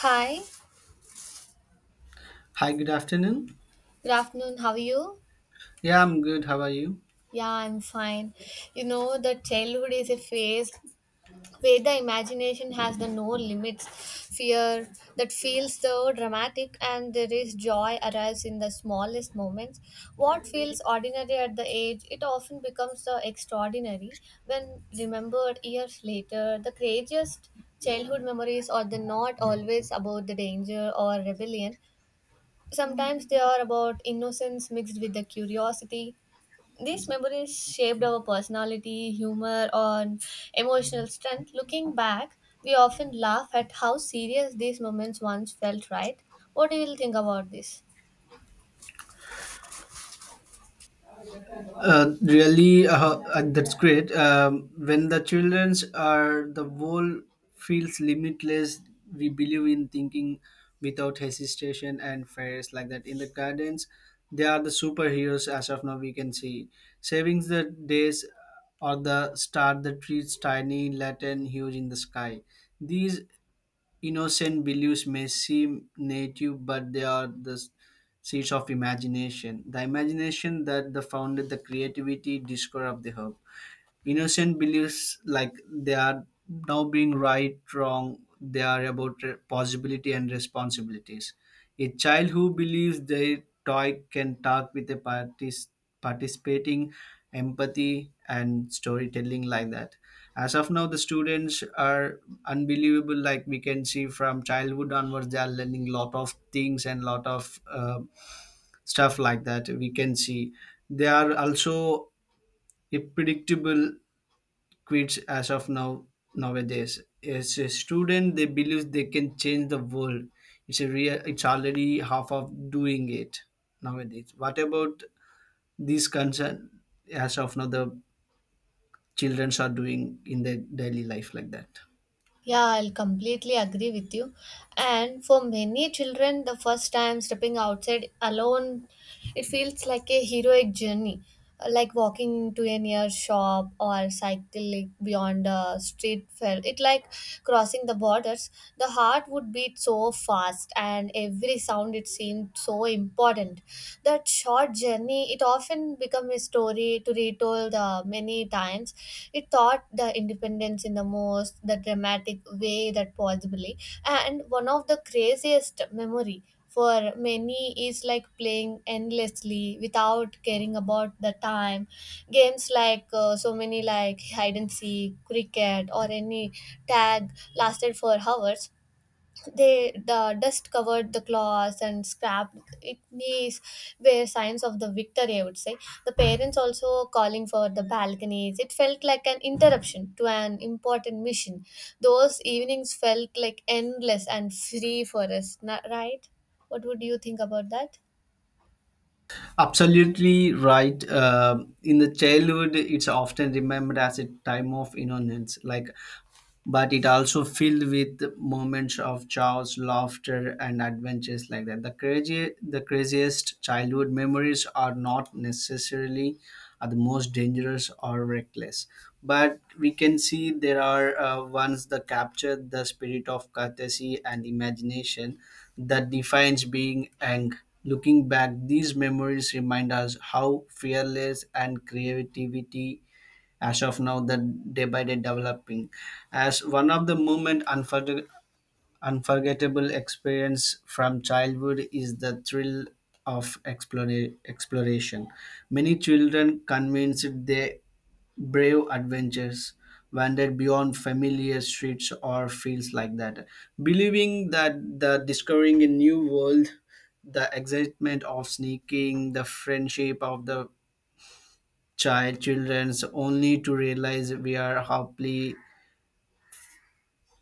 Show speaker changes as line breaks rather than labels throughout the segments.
Hi,
Hi, good afternoon.
good afternoon. How are you?
Yeah, I'm good. How are you?
Yeah, I'm fine. You know, the childhood is a phase where the imagination has the no limits. Fear that feels so dramatic and there is joy arrives in the smallest moments. What feels ordinary at the age, it often becomes the extraordinary when remembered years later. The craziest childhood memories are the not always about the danger or rebellion. Sometimes they are about innocence mixed with the curiosity. These memories shaped our personality, humor, and emotional strength. Looking back, we often laugh at how serious these moments once felt, right? What do you think about this?
That's great. When the childrens are, the world feels limitless. We believe in thinking without hesitation and fairs like that. In the gardens, they are the superheroes as of now. We can see savings the days or the star the trees tiny, latin, huge in the sky. These innocent beliefs may seem native, but they are the seeds of imagination. The imagination that the founded the creativity discovery of the herb. Innocent beliefs like they are now being right, wrong, they are about possibility and responsibilities. A child who believes their toy can talk with a participating empathy and storytelling like that. As of now, the students are unbelievable. Like we can see from childhood onwards, they are learning lot of things and lot of stuff like that. We can see they are also a predictable quits as of now nowadays. As a student, they believe they can change the world. It's a real. It's already half of doing it nowadays. What about these concern as of now the childrens are doing in their daily life like that?
Yeah, I'll completely agree with you. And for many children, the first time stepping outside alone, it feels like a heroic journey, like walking into a near shop or cycling beyond a street fair. It like crossing the borders, the heart would beat so fast and every sound it seemed so important. That short journey, it often became a story to retold many times. It taught the independence in the most, the dramatic way that possibly. And one of the craziest memory for many is like playing endlessly without caring about the time, games like so many like hide and seek, cricket, or any tag, lasted for hours. They the dust covered the cloths and scrapped igneous were signs of the victory, I would say. The parents also calling for the balconies, it felt like an interruption to an important mission. Those evenings felt like endless and free for us, right? What would you think about that?
Absolutely right. In the childhood, it's often remembered as a time of innocence, like, but it also filled with moments of chaos, laughter, and adventures like that. The craziest childhood memories are not necessarily are the most dangerous or reckless, but we can see there are ones that capture the spirit of courtesy and imagination that defines being young. Looking back, these memories remind us how fearless and creativity as of now the day by day developing as one of the moment unforgettable experience from childhood is the thrill of exploration. Many children convinced their brave adventures wandered beyond familiar streets or fields like that, believing that the discovering a new world, the excitement of sneaking the friendship of the children's, only to realize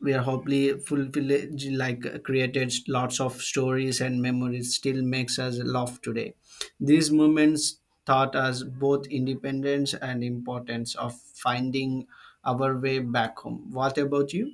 we are hopefully fulfilled, like created lots of stories and memories still makes us laugh today. These moments taught us both independence and importance of finding our way back home. What about you?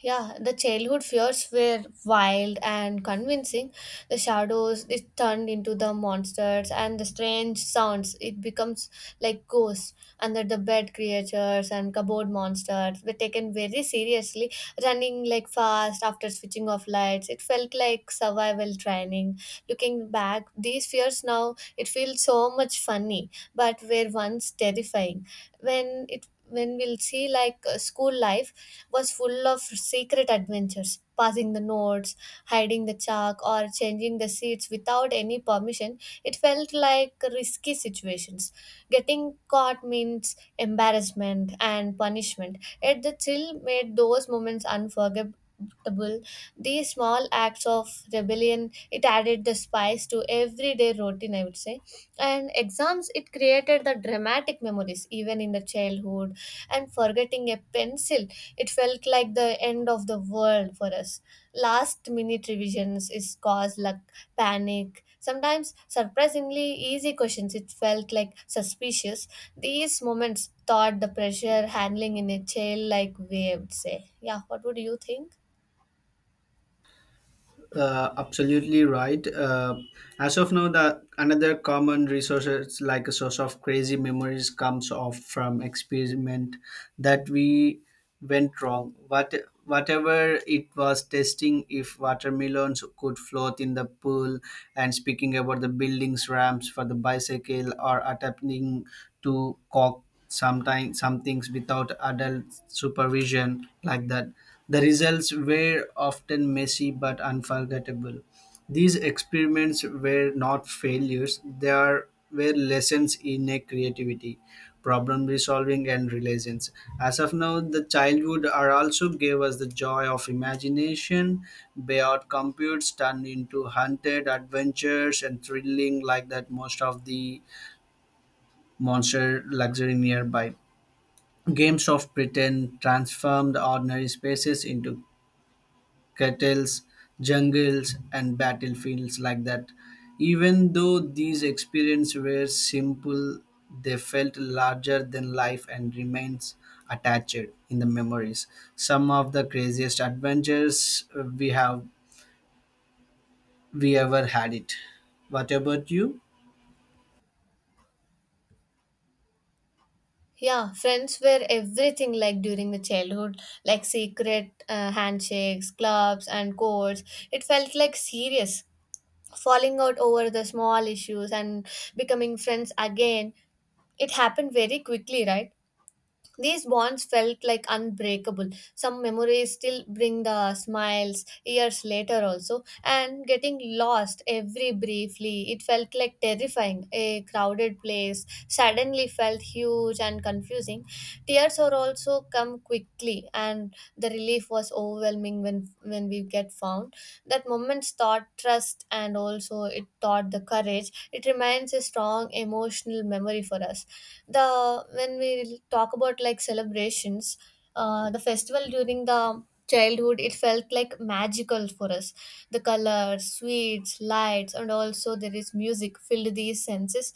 Yeah, the childhood fears were wild and convincing. The shadows it turned into the monsters and the strange sounds it becomes like ghosts under the bed, creatures and cupboard monsters were taken very seriously, running like fast after switching off lights. It felt like survival training. Looking back, these fears now it feels so much funny, but were once terrifying. When it when we'll see like school life was full of secret adventures. Passing the notes, hiding the chalk, or changing the seats without any permission, it felt like risky situations. Getting caught means embarrassment and punishment, yet the thrill made those moments unforgettable. These small acts of rebellion, it added the spice to everyday routine, I would say. And exams, it created the dramatic memories, even in the childhood. And forgetting a pencil, it felt like the end of the world for us. Last minute revisions is cause like panic. Sometimes surprisingly easy questions it felt like suspicious. These moments taught the pressure handling in a child like way, I would say. Yeah, what would you think?
Absolutely right. As of now, the another common resources like a source of crazy memories comes off from experiment that we went wrong. Whatever it was testing if watermelons could float in the pool and speaking about the buildings ramps for the bicycle or attempting to cock sometimes some things without adult supervision like that, the results were often messy but unforgettable. These experiments were not failures, were lessons in a creativity, problem resolving, and relations. As of now, the childhood are also gave us the joy of imagination beyond computes turned into hunted adventures and thrilling like that. Most of the monster luxury nearby games of Britain transformed ordinary spaces into kettles, jungles, and battlefields like that. Even though these experiences were simple, they felt larger than life and remains attached in the memories. Some of the craziest adventures we have we ever had it. What about you?
Yeah, friends were everything like during the childhood, like secret handshakes, clubs, and codes. It felt like serious. Falling out over the small issues and becoming friends again, it happened very quickly, right? These bonds felt like unbreakable. Some memories still bring the smiles years later, also. And getting lost every briefly, it felt like terrifying. A crowded place suddenly felt huge and confusing. Tears are also come quickly, and the relief was overwhelming when we get found. That moment's taught trust and also it taught the courage. It remains a strong emotional memory for us. The when we talk about like celebrations, the festival during the childhood, it felt like magical for us. The colors, sweets, lights, and also there is music filled these senses.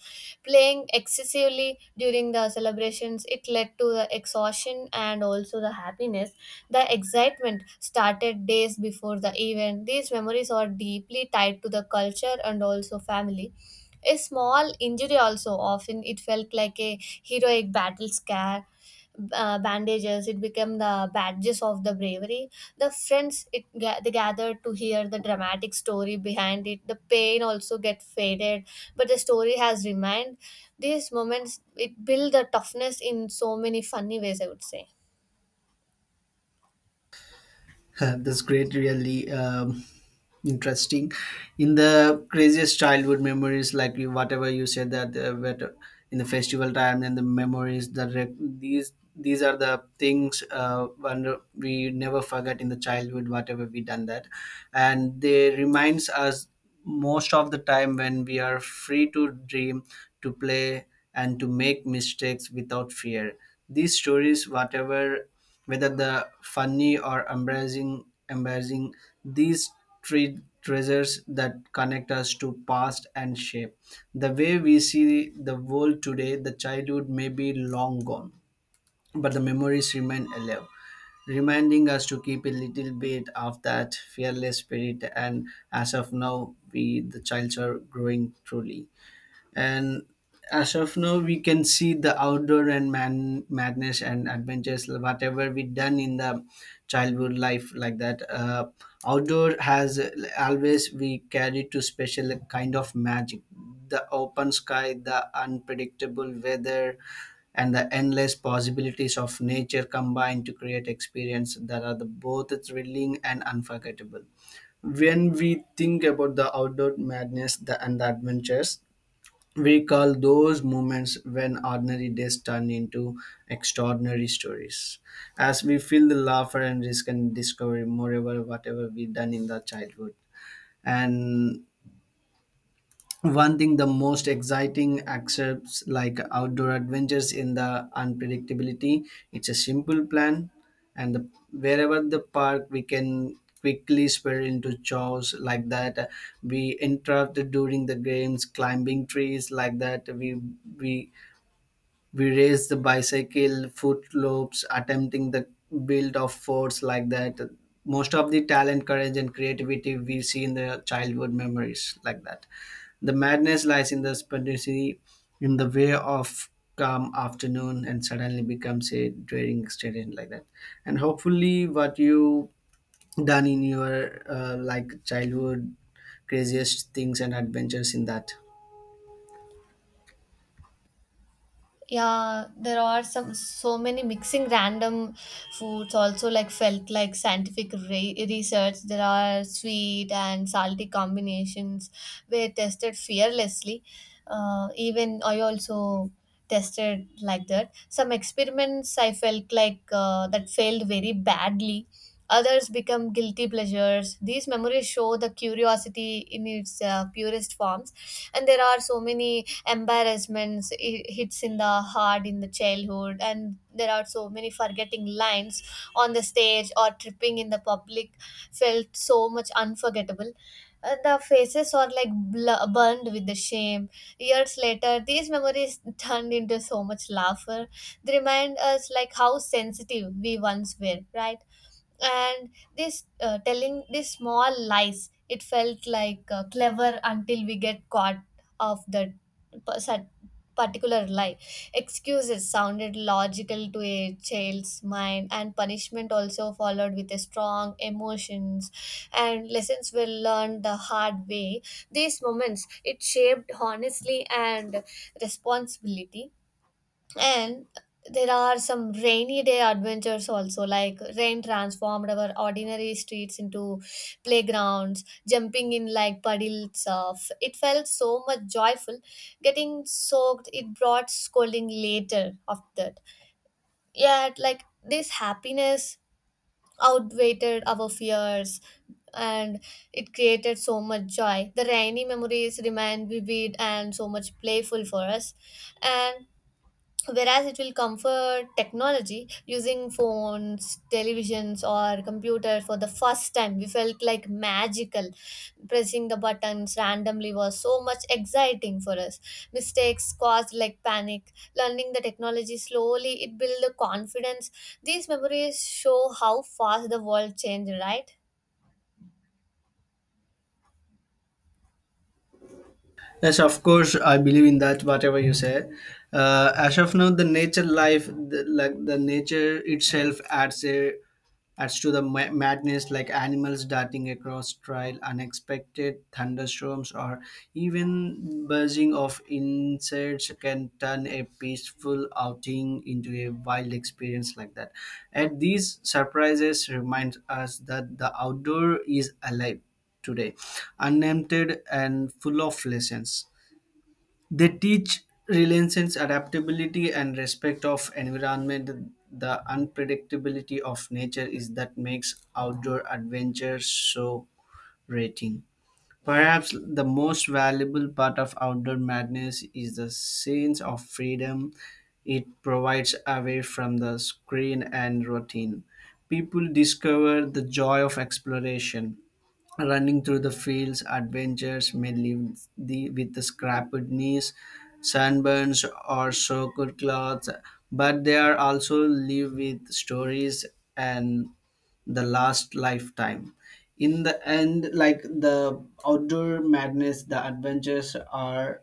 Playing excessively during the celebrations, it led to the exhaustion and also the happiness. The excitement started days before the event. These memories are deeply tied to the culture and also family. A small injury also often it felt like a heroic battle scar. Bandages it became the badges of the bravery. The friends it they gathered to hear the dramatic story behind it. The pain also get faded, but the story has remained. These moments it build the toughness in so many funny ways, I would say.
That's great, really, interesting. In the craziest childhood memories, like you, whatever you said that in the festival time and the memories that these are the things, when we never forget in the childhood whatever we done that, and they reminds us most of the time when we are free to dream, to play, and to make mistakes without fear. These stories, whatever, whether the funny or embarrassing, these treasures that connect us to past and shape the way we see the world today. The childhood may be long gone, but the memories remain alive, reminding us to keep a little bit of that fearless spirit, and as of now we the childs are growing truly. And as of now, we can see the outdoor and man madness and adventures, whatever we done in the childhood life like that. Outdoor has always we carry to special kind of magic. The open sky, the unpredictable weather, and the endless possibilities of nature combine to create experience that are the, both thrilling and unforgettable. When we think about the outdoor madness the, and the adventures, we call those moments when ordinary days turn into extraordinary stories, as we feel the laughter and risk and discovery, moreover, whatever we done in the childhood. And one thing, the most exciting excerpts like outdoor adventures in the unpredictability, it's a simple plan, and the, wherever the park, we can quickly spiral into chores like that. We interrupted during the games, climbing trees like that. We we raise the bicycle footloops attempting the build of forts like that. Most of the talent, courage, and creativity we see in the childhood memories like that. The madness lies in the spontaneity, in the way of calm afternoon and suddenly becomes a daring student like that. And hopefully what you done in your like childhood craziest things and adventures in that.
Yeah, there are some so many mixing random foods also like felt like scientific research. There are sweet and salty combinations were tested fearlessly. Even I also tested like that. Some experiments I felt like that failed very badly. Others become guilty pleasures. These memories show the curiosity in its purest forms. And there are so many embarrassments it hits in the heart in the childhood, and there are so many forgetting lines on the stage or tripping in the public felt so much unforgettable. The faces are like burned with the shame. Years later these memories turned into so much laughter. They remind us like how sensitive we once were, right? And this telling these small lies, it felt like clever until we get caught of that pers- particular lie. Excuses sounded logical to a child's mind, and punishment also followed with a strong emotions, and lessons were learned the hard way. These moments it shaped honestly and responsibility. And there are some rainy day adventures also, like rain transformed our ordinary streets into playgrounds, jumping in like puddles of. It felt so much joyful. Getting soaked, it brought scolding later after that. Yet, like this happiness outweighed our fears and it created so much joy. The rainy memories remain vivid and so much playful for us. And whereas it will come for technology, using phones, televisions, or computer for the first time, we felt like magical. Pressing the buttons randomly was so much exciting for us. Mistakes caused like panic. Learning the technology slowly, it built the confidence. These memories show how fast the world changed, right?
Yes, of course, I believe in that. Whatever you say, as of now, the nature life, the, like the nature itself, adds a adds to the madness, like animals darting across trail, unexpected thunderstorms, or even buzzing of insects can turn a peaceful outing into a wild experience like that. And these surprises remind us that the outdoor is alive today, unemptied and full of lessons. They teach resilience, adaptability, and respect of environment. The unpredictability of nature is that makes outdoor adventures so rating. Perhaps the most valuable part of outdoor madness is the sense of freedom it provides away from the screen and routine. People discover the joy of exploration. Running through the fields, adventures may leave the, with the scrappled knees, sunburns, or soaked clothes, but they are also live with stories and the last lifetime in the end, like the outdoor madness, the adventures are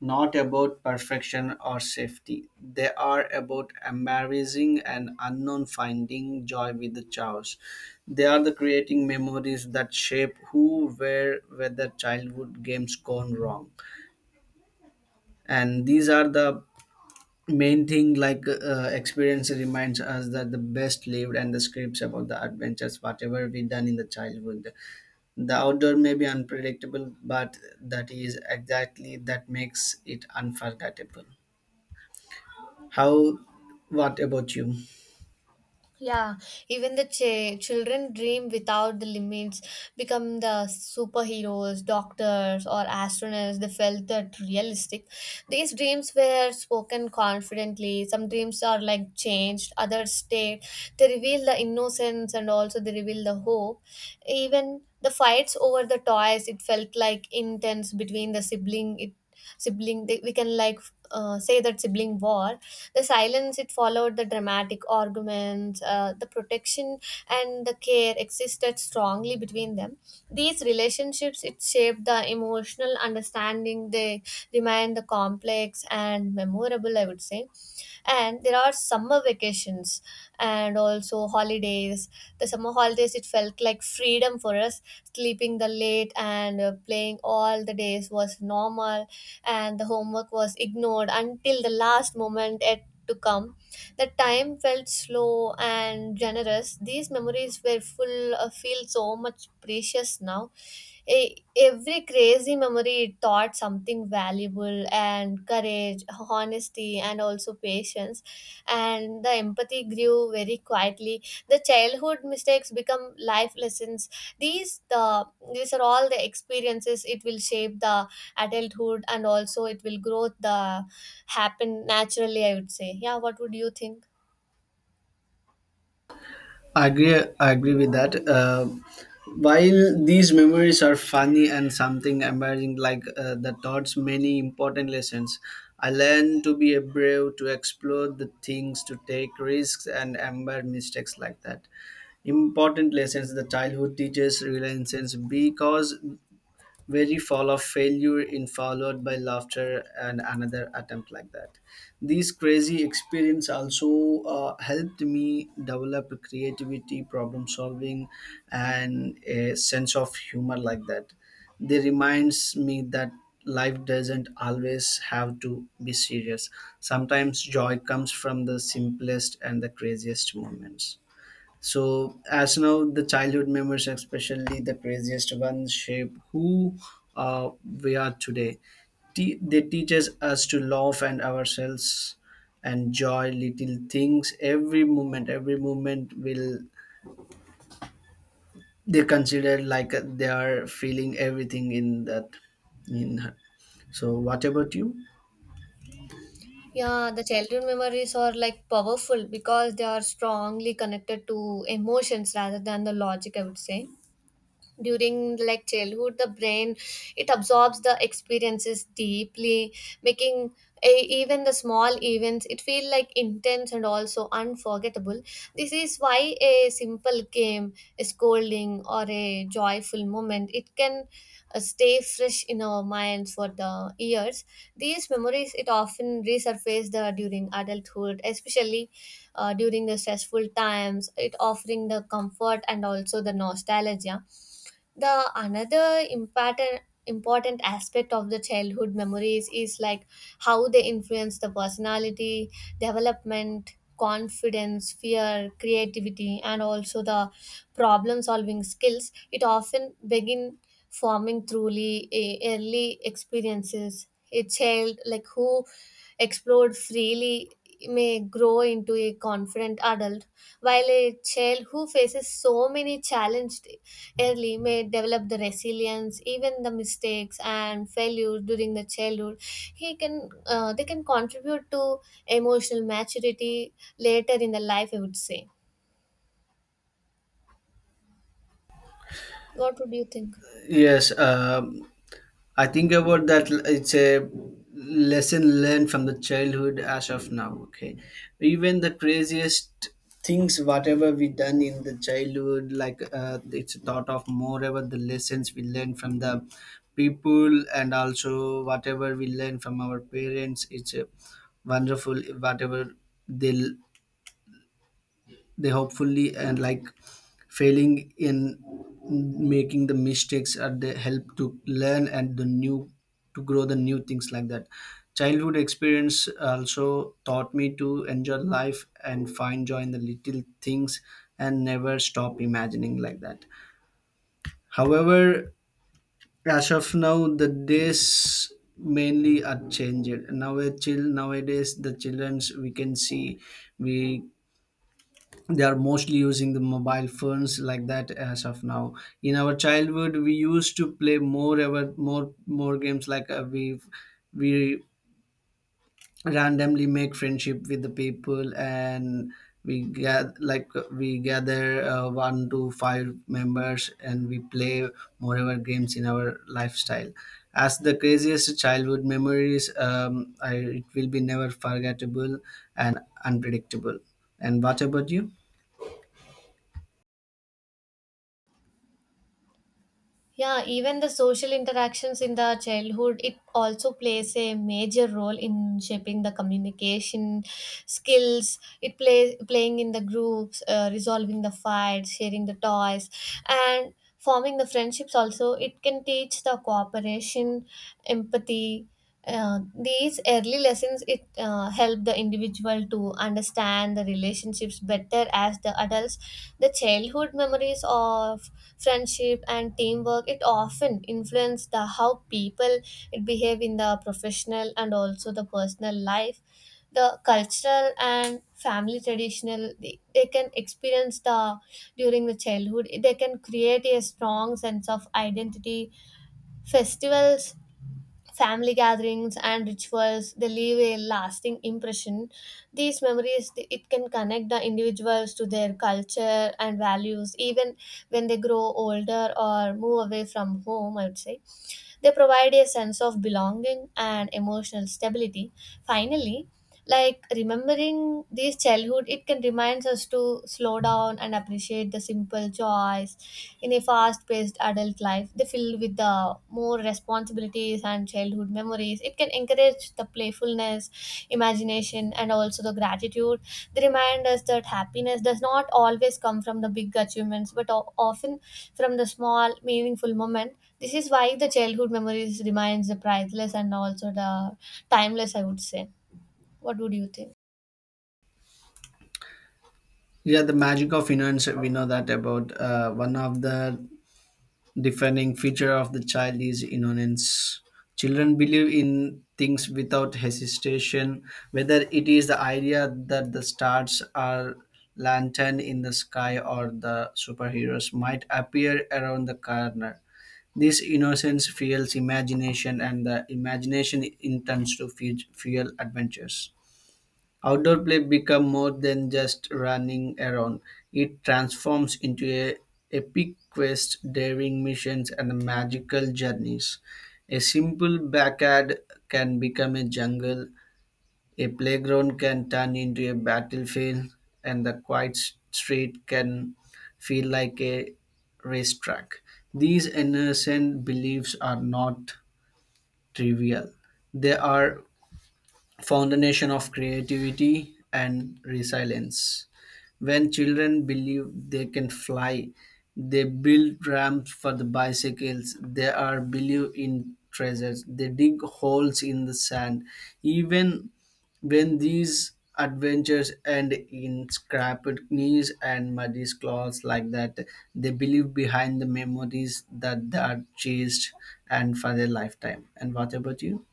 not about perfection or safety. They are about embarrassing and unknown, finding joy with the chaos. They are the creating memories that shape who, where, whether childhood games gone wrong. And these are the main thing, like, experience reminds us that the best lived and the scripts about the adventures whatever we done in the childhood. The outdoor may be unpredictable, but that is exactly that makes it unforgettable. How, what about you?
Yeah, even the children dream without the limits, become the superheroes, doctors, or astronauts. They felt that realistic. These dreams were spoken confidently. Some dreams are like changed, others stayed. They reveal the innocence and also they reveal the hope. Even the fights over the toys, it felt like intense between the sibling. It sibling they, we can like say that sibling war. The silence it followed, the dramatic arguments, the protection and the care existed strongly between them. These relationships it shaped the emotional understanding. They remain the complex and memorable, I would say. And there are summer vacations and also holidays. The summer holidays it felt like freedom for us. Sleeping the late and playing all the days was normal, and the homework was ignored until the last moment at to come. The time felt slow and generous. These memories were full, feel so much precious now. Every crazy memory it taught something valuable, and courage, honesty, and also patience and the empathy grew very quietly. The childhood mistakes become life lessons. These these are all the experiences it will shape the adulthood and also it will grow the happen naturally, I would say. Yeah, what would you think?
I agree with that. While these memories are funny and something amazing, like, the taught many important lessons, I learned to be a brave, to explore the things, to take risks, and embrace mistakes like that. Important lessons the childhood teaches reliance, because very fall of failure in followed by laughter and another attempt like that. These crazy experience also helped me develop creativity, problem solving, and a sense of humor like that. They reminds me that life doesn't always have to be serious. Sometimes joy comes from the simplest and the craziest moments. So as now the childhood memories, especially the craziest ones, shape who, uh, we are today. They teaches us to love and ourselves, enjoy little things. Every moment will they consider like they are feeling everything in that, in her. So what about you?
Yeah, the childhood memories are like powerful because they are strongly connected to emotions rather than the logic, I would say. During like childhood, the brain it absorbs the experiences deeply, making a, even the small events it feel like intense and also unforgettable. This is why a simple game, a scolding, or a joyful moment it can stay fresh in our minds for the years. These memories it often resurface the during adulthood, especially during the stressful times it offering the comfort and also the nostalgia. The another important aspect of the childhood memories is like how they influence the personality development. Confidence, fear, creativity, and also the problem solving skills it often begin forming truly early. Experiences a child like who explored freely may grow into a confident adult, while a child who faces so many challenges early may develop the resilience, even the mistakes and failures during the childhood. He can they can contribute to emotional maturity later in the life, I would say. What would you think?
Yes. I think about that. It's a lesson learned from the childhood as of now. Okay, even the craziest things, whatever we done in the childhood, like, it's thought of more about the lessons we learn from the people, and also whatever we learn from our parents. It's a wonderful whatever they they hopefully, and like failing in, making the mistakes are they help to learn and the new, to grow the new things like that. Childhood experience also taught me to enjoy life and find joy in the little things and never stop imagining like that. However, as of now the days mainly are changed now. A chill nowadays, the children's we can see, we they are mostly using the mobile phones like that as of now. In our childhood, we used to play more ever more games like, we randomly make friendship with the people, and we get like, we gather one to five members, and we play more ever games in our lifestyle. As the craziest childhood memories, it will be never forgettable and unpredictable. And what about you?
Yeah, even the social interactions in the childhood, it also plays a major role in shaping the communication skills. It plays playing in the groups, resolving the fights, sharing the toys, and forming the friendships. Also, it can teach the cooperation, empathy. These early lessons it help the individual to understand the relationships better as the adults. The childhood memories of friendship and teamwork it often influence the how people behave in the professional and also the personal life. The cultural and family traditional they can experience the during the childhood, they can create a strong sense of identity. Festivals, family gatherings, and rituals, they leave a lasting impression. These memories it can connect the individuals to their culture and values even when they grow older or move away from home, I would say. They provide a sense of belonging and emotional stability. Finally, like remembering these childhood, it can remind us to slow down and appreciate the simple joys. In a fast paced adult life they filled with the more responsibilities, and childhood memories it can encourage the playfulness, imagination, and also the gratitude. They remind us that happiness does not always come from the big achievements but often from the small meaningful moment. This is why the childhood memories remains the priceless and also the timeless, I would say. What would you think?
Yeah, the magic of innocence. We know that about, one of the defining feature of the child is innocence. Children believe in things without hesitation, whether it is the idea that the stars are lantern in the sky or the superheroes might appear around the corner. This innocence fuels imagination, and the imagination intends to fuel adventures. Outdoor play becomes more than just running around. It transforms into a epic quest, daring missions, and magical journeys. A simple backyard can become a jungle, a playground can turn into a battlefield, and the quiet street can feel like a racetrack. These innocent beliefs are not trivial. They are foundation of creativity and resilience. When children believe they can fly, they build ramps for the bicycles. They are believe in treasures. They dig holes in the sand. Even when these adventures end in scraped knees and muddy claws like that, they believe behind the memories that they are chased and for their lifetime. And what about you?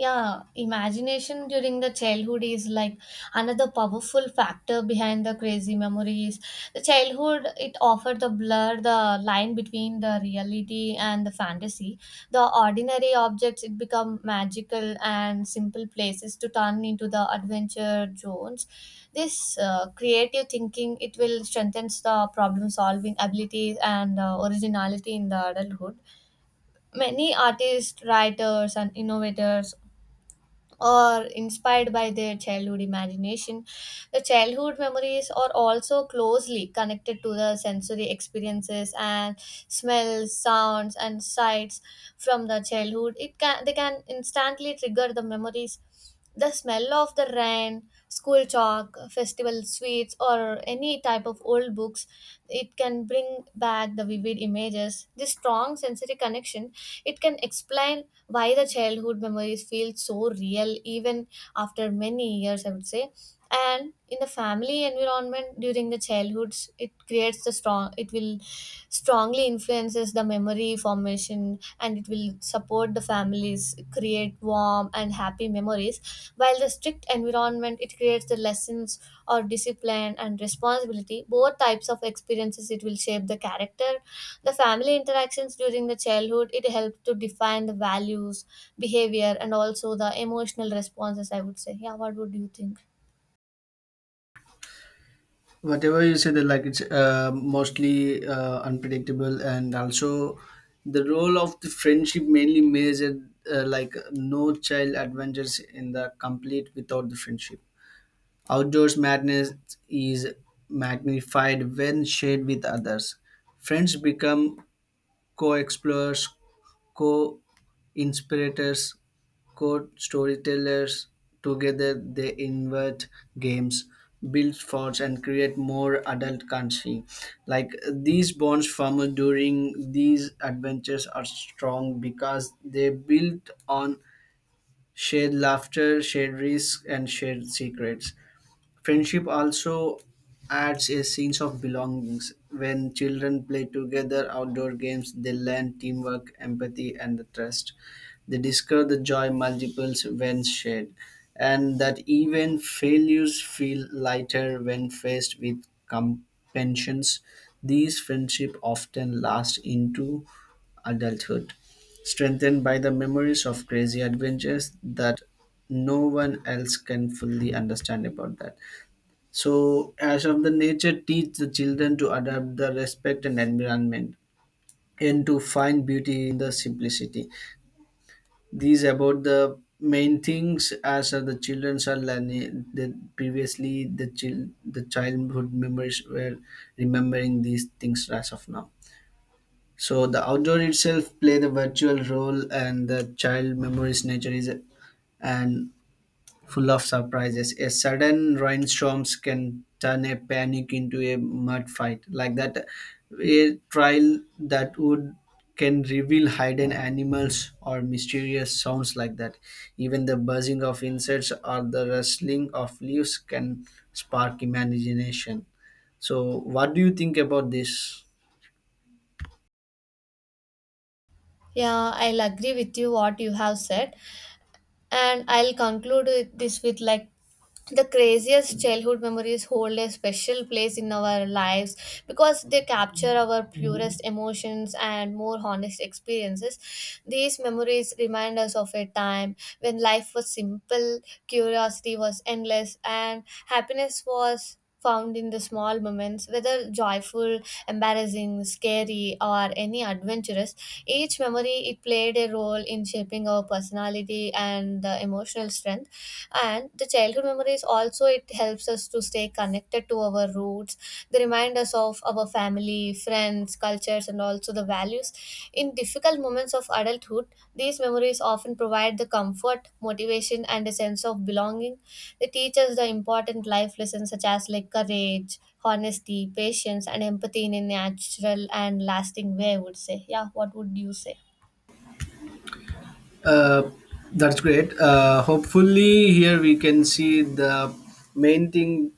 Yeah, imagination during the childhood is like another powerful factor behind the crazy memories. The childhood it offered the blur the line between the reality and the fantasy. The ordinary objects it become magical and simple places to turn into the adventure zones. This creative thinking it will strengthen the problem solving abilities and originality in the adulthood. Many artists, writers, and innovators or inspired by their childhood imagination. The childhood memories are also closely connected to the sensory experiences, and smells, sounds, and sights from the childhood. It can they can instantly trigger the memories. The smell of the rain, school chalk, festival sweets, or any type of old books, it can bring back the vivid images. This strong sensory connection, it can explain why the childhood memories feel so real even after many years, I would say. And in the family environment during the childhoods it creates the strong, it will strongly influences the memory formation, and it will support the families create warm and happy memories, while the strict environment it creates the lessons or discipline and responsibility. Both types of experiences it will shape the character. The family interactions during the childhood it helps to define the values, behavior, and also the emotional responses, I would say. Yeah, what would you think?
Whatever you say that, like, it's mostly unpredictable, and also the role of the friendship mainly measured, like no child adventures in the complete without the friendship. Outdoors madness is magnified when shared with others. Friends become co-explorers, co-inspirators, co-storytellers. Together they invent games, build forts, and create more adult country. Like these bonds formed during these adventures are strong because they built on shared laughter, shared risk, and shared secrets. Friendship also adds a sense of belongings. When children play together outdoor games, they learn teamwork, empathy, and trust. They discover the joy multiples when shared, and that even failures feel lighter when faced with compassions. These friendships often last into adulthood, strengthened by the memories of crazy adventures that no one else can fully understand about that. So, as of the nature, teach the children to adapt the respect and environment, and to find beauty in the simplicity. These about the main things as of the children are learning, that previously the child, the childhood memories were remembering these things as of now. So the outdoor itself play the virtual role, and the child memories nature is, and full of surprises. A sudden rainstorms can turn a panic into a mud fight. Like that, a trial that would can reveal hidden animals or mysterious sounds like that. Even the buzzing of insects or the rustling of leaves can spark imagination. So, what do you think about this?
Yeah, I'll agree with you what you have said, and I'll conclude with this with like the craziest childhood memories hold a special place in our lives because they capture our purest emotions and more honest experiences. These memories remind us of a time when life was simple, curiosity was endless, and happiness was found in the small moments, whether joyful, embarrassing, scary, or any adventurous. Each memory it played a role in shaping our personality and the emotional strength. And the childhood memories also it helps us to stay connected to our roots. They remind us of our family, friends, cultures, and also the values. In difficult moments of adulthood, these memories often provide the comfort, motivation, and a sense of belonging. They teach us the important life lessons such as like courage, honesty, patience, and empathy in a natural and lasting way. I would say, yeah. What would you say?
Uh, that's great. Hopefully, here we can see the main thing.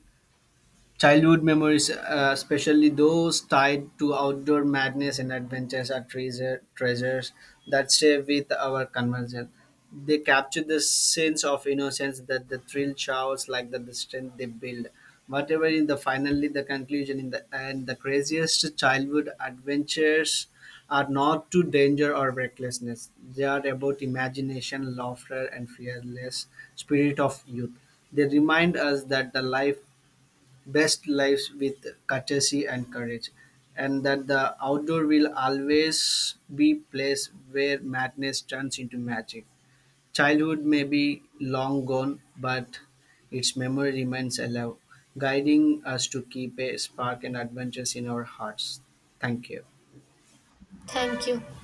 Childhood memories, especially those tied to outdoor madness and adventures, are treasures that stay with our conversion. They capture the sense of innocence, that the thrill showers, like the strength they build. Whatever in the finally the conclusion, in the end, the craziest childhood adventures are not to danger or recklessness. They are about imagination, laughter, and fearless spirit of youth. They remind us that the life best lives with courtesy and courage, and that the outdoor will always be place where madness turns into magic. Childhood may be long gone, but its memory remains alive, guiding us to keep a spark and adventures in our hearts. Thank you.
Thank you.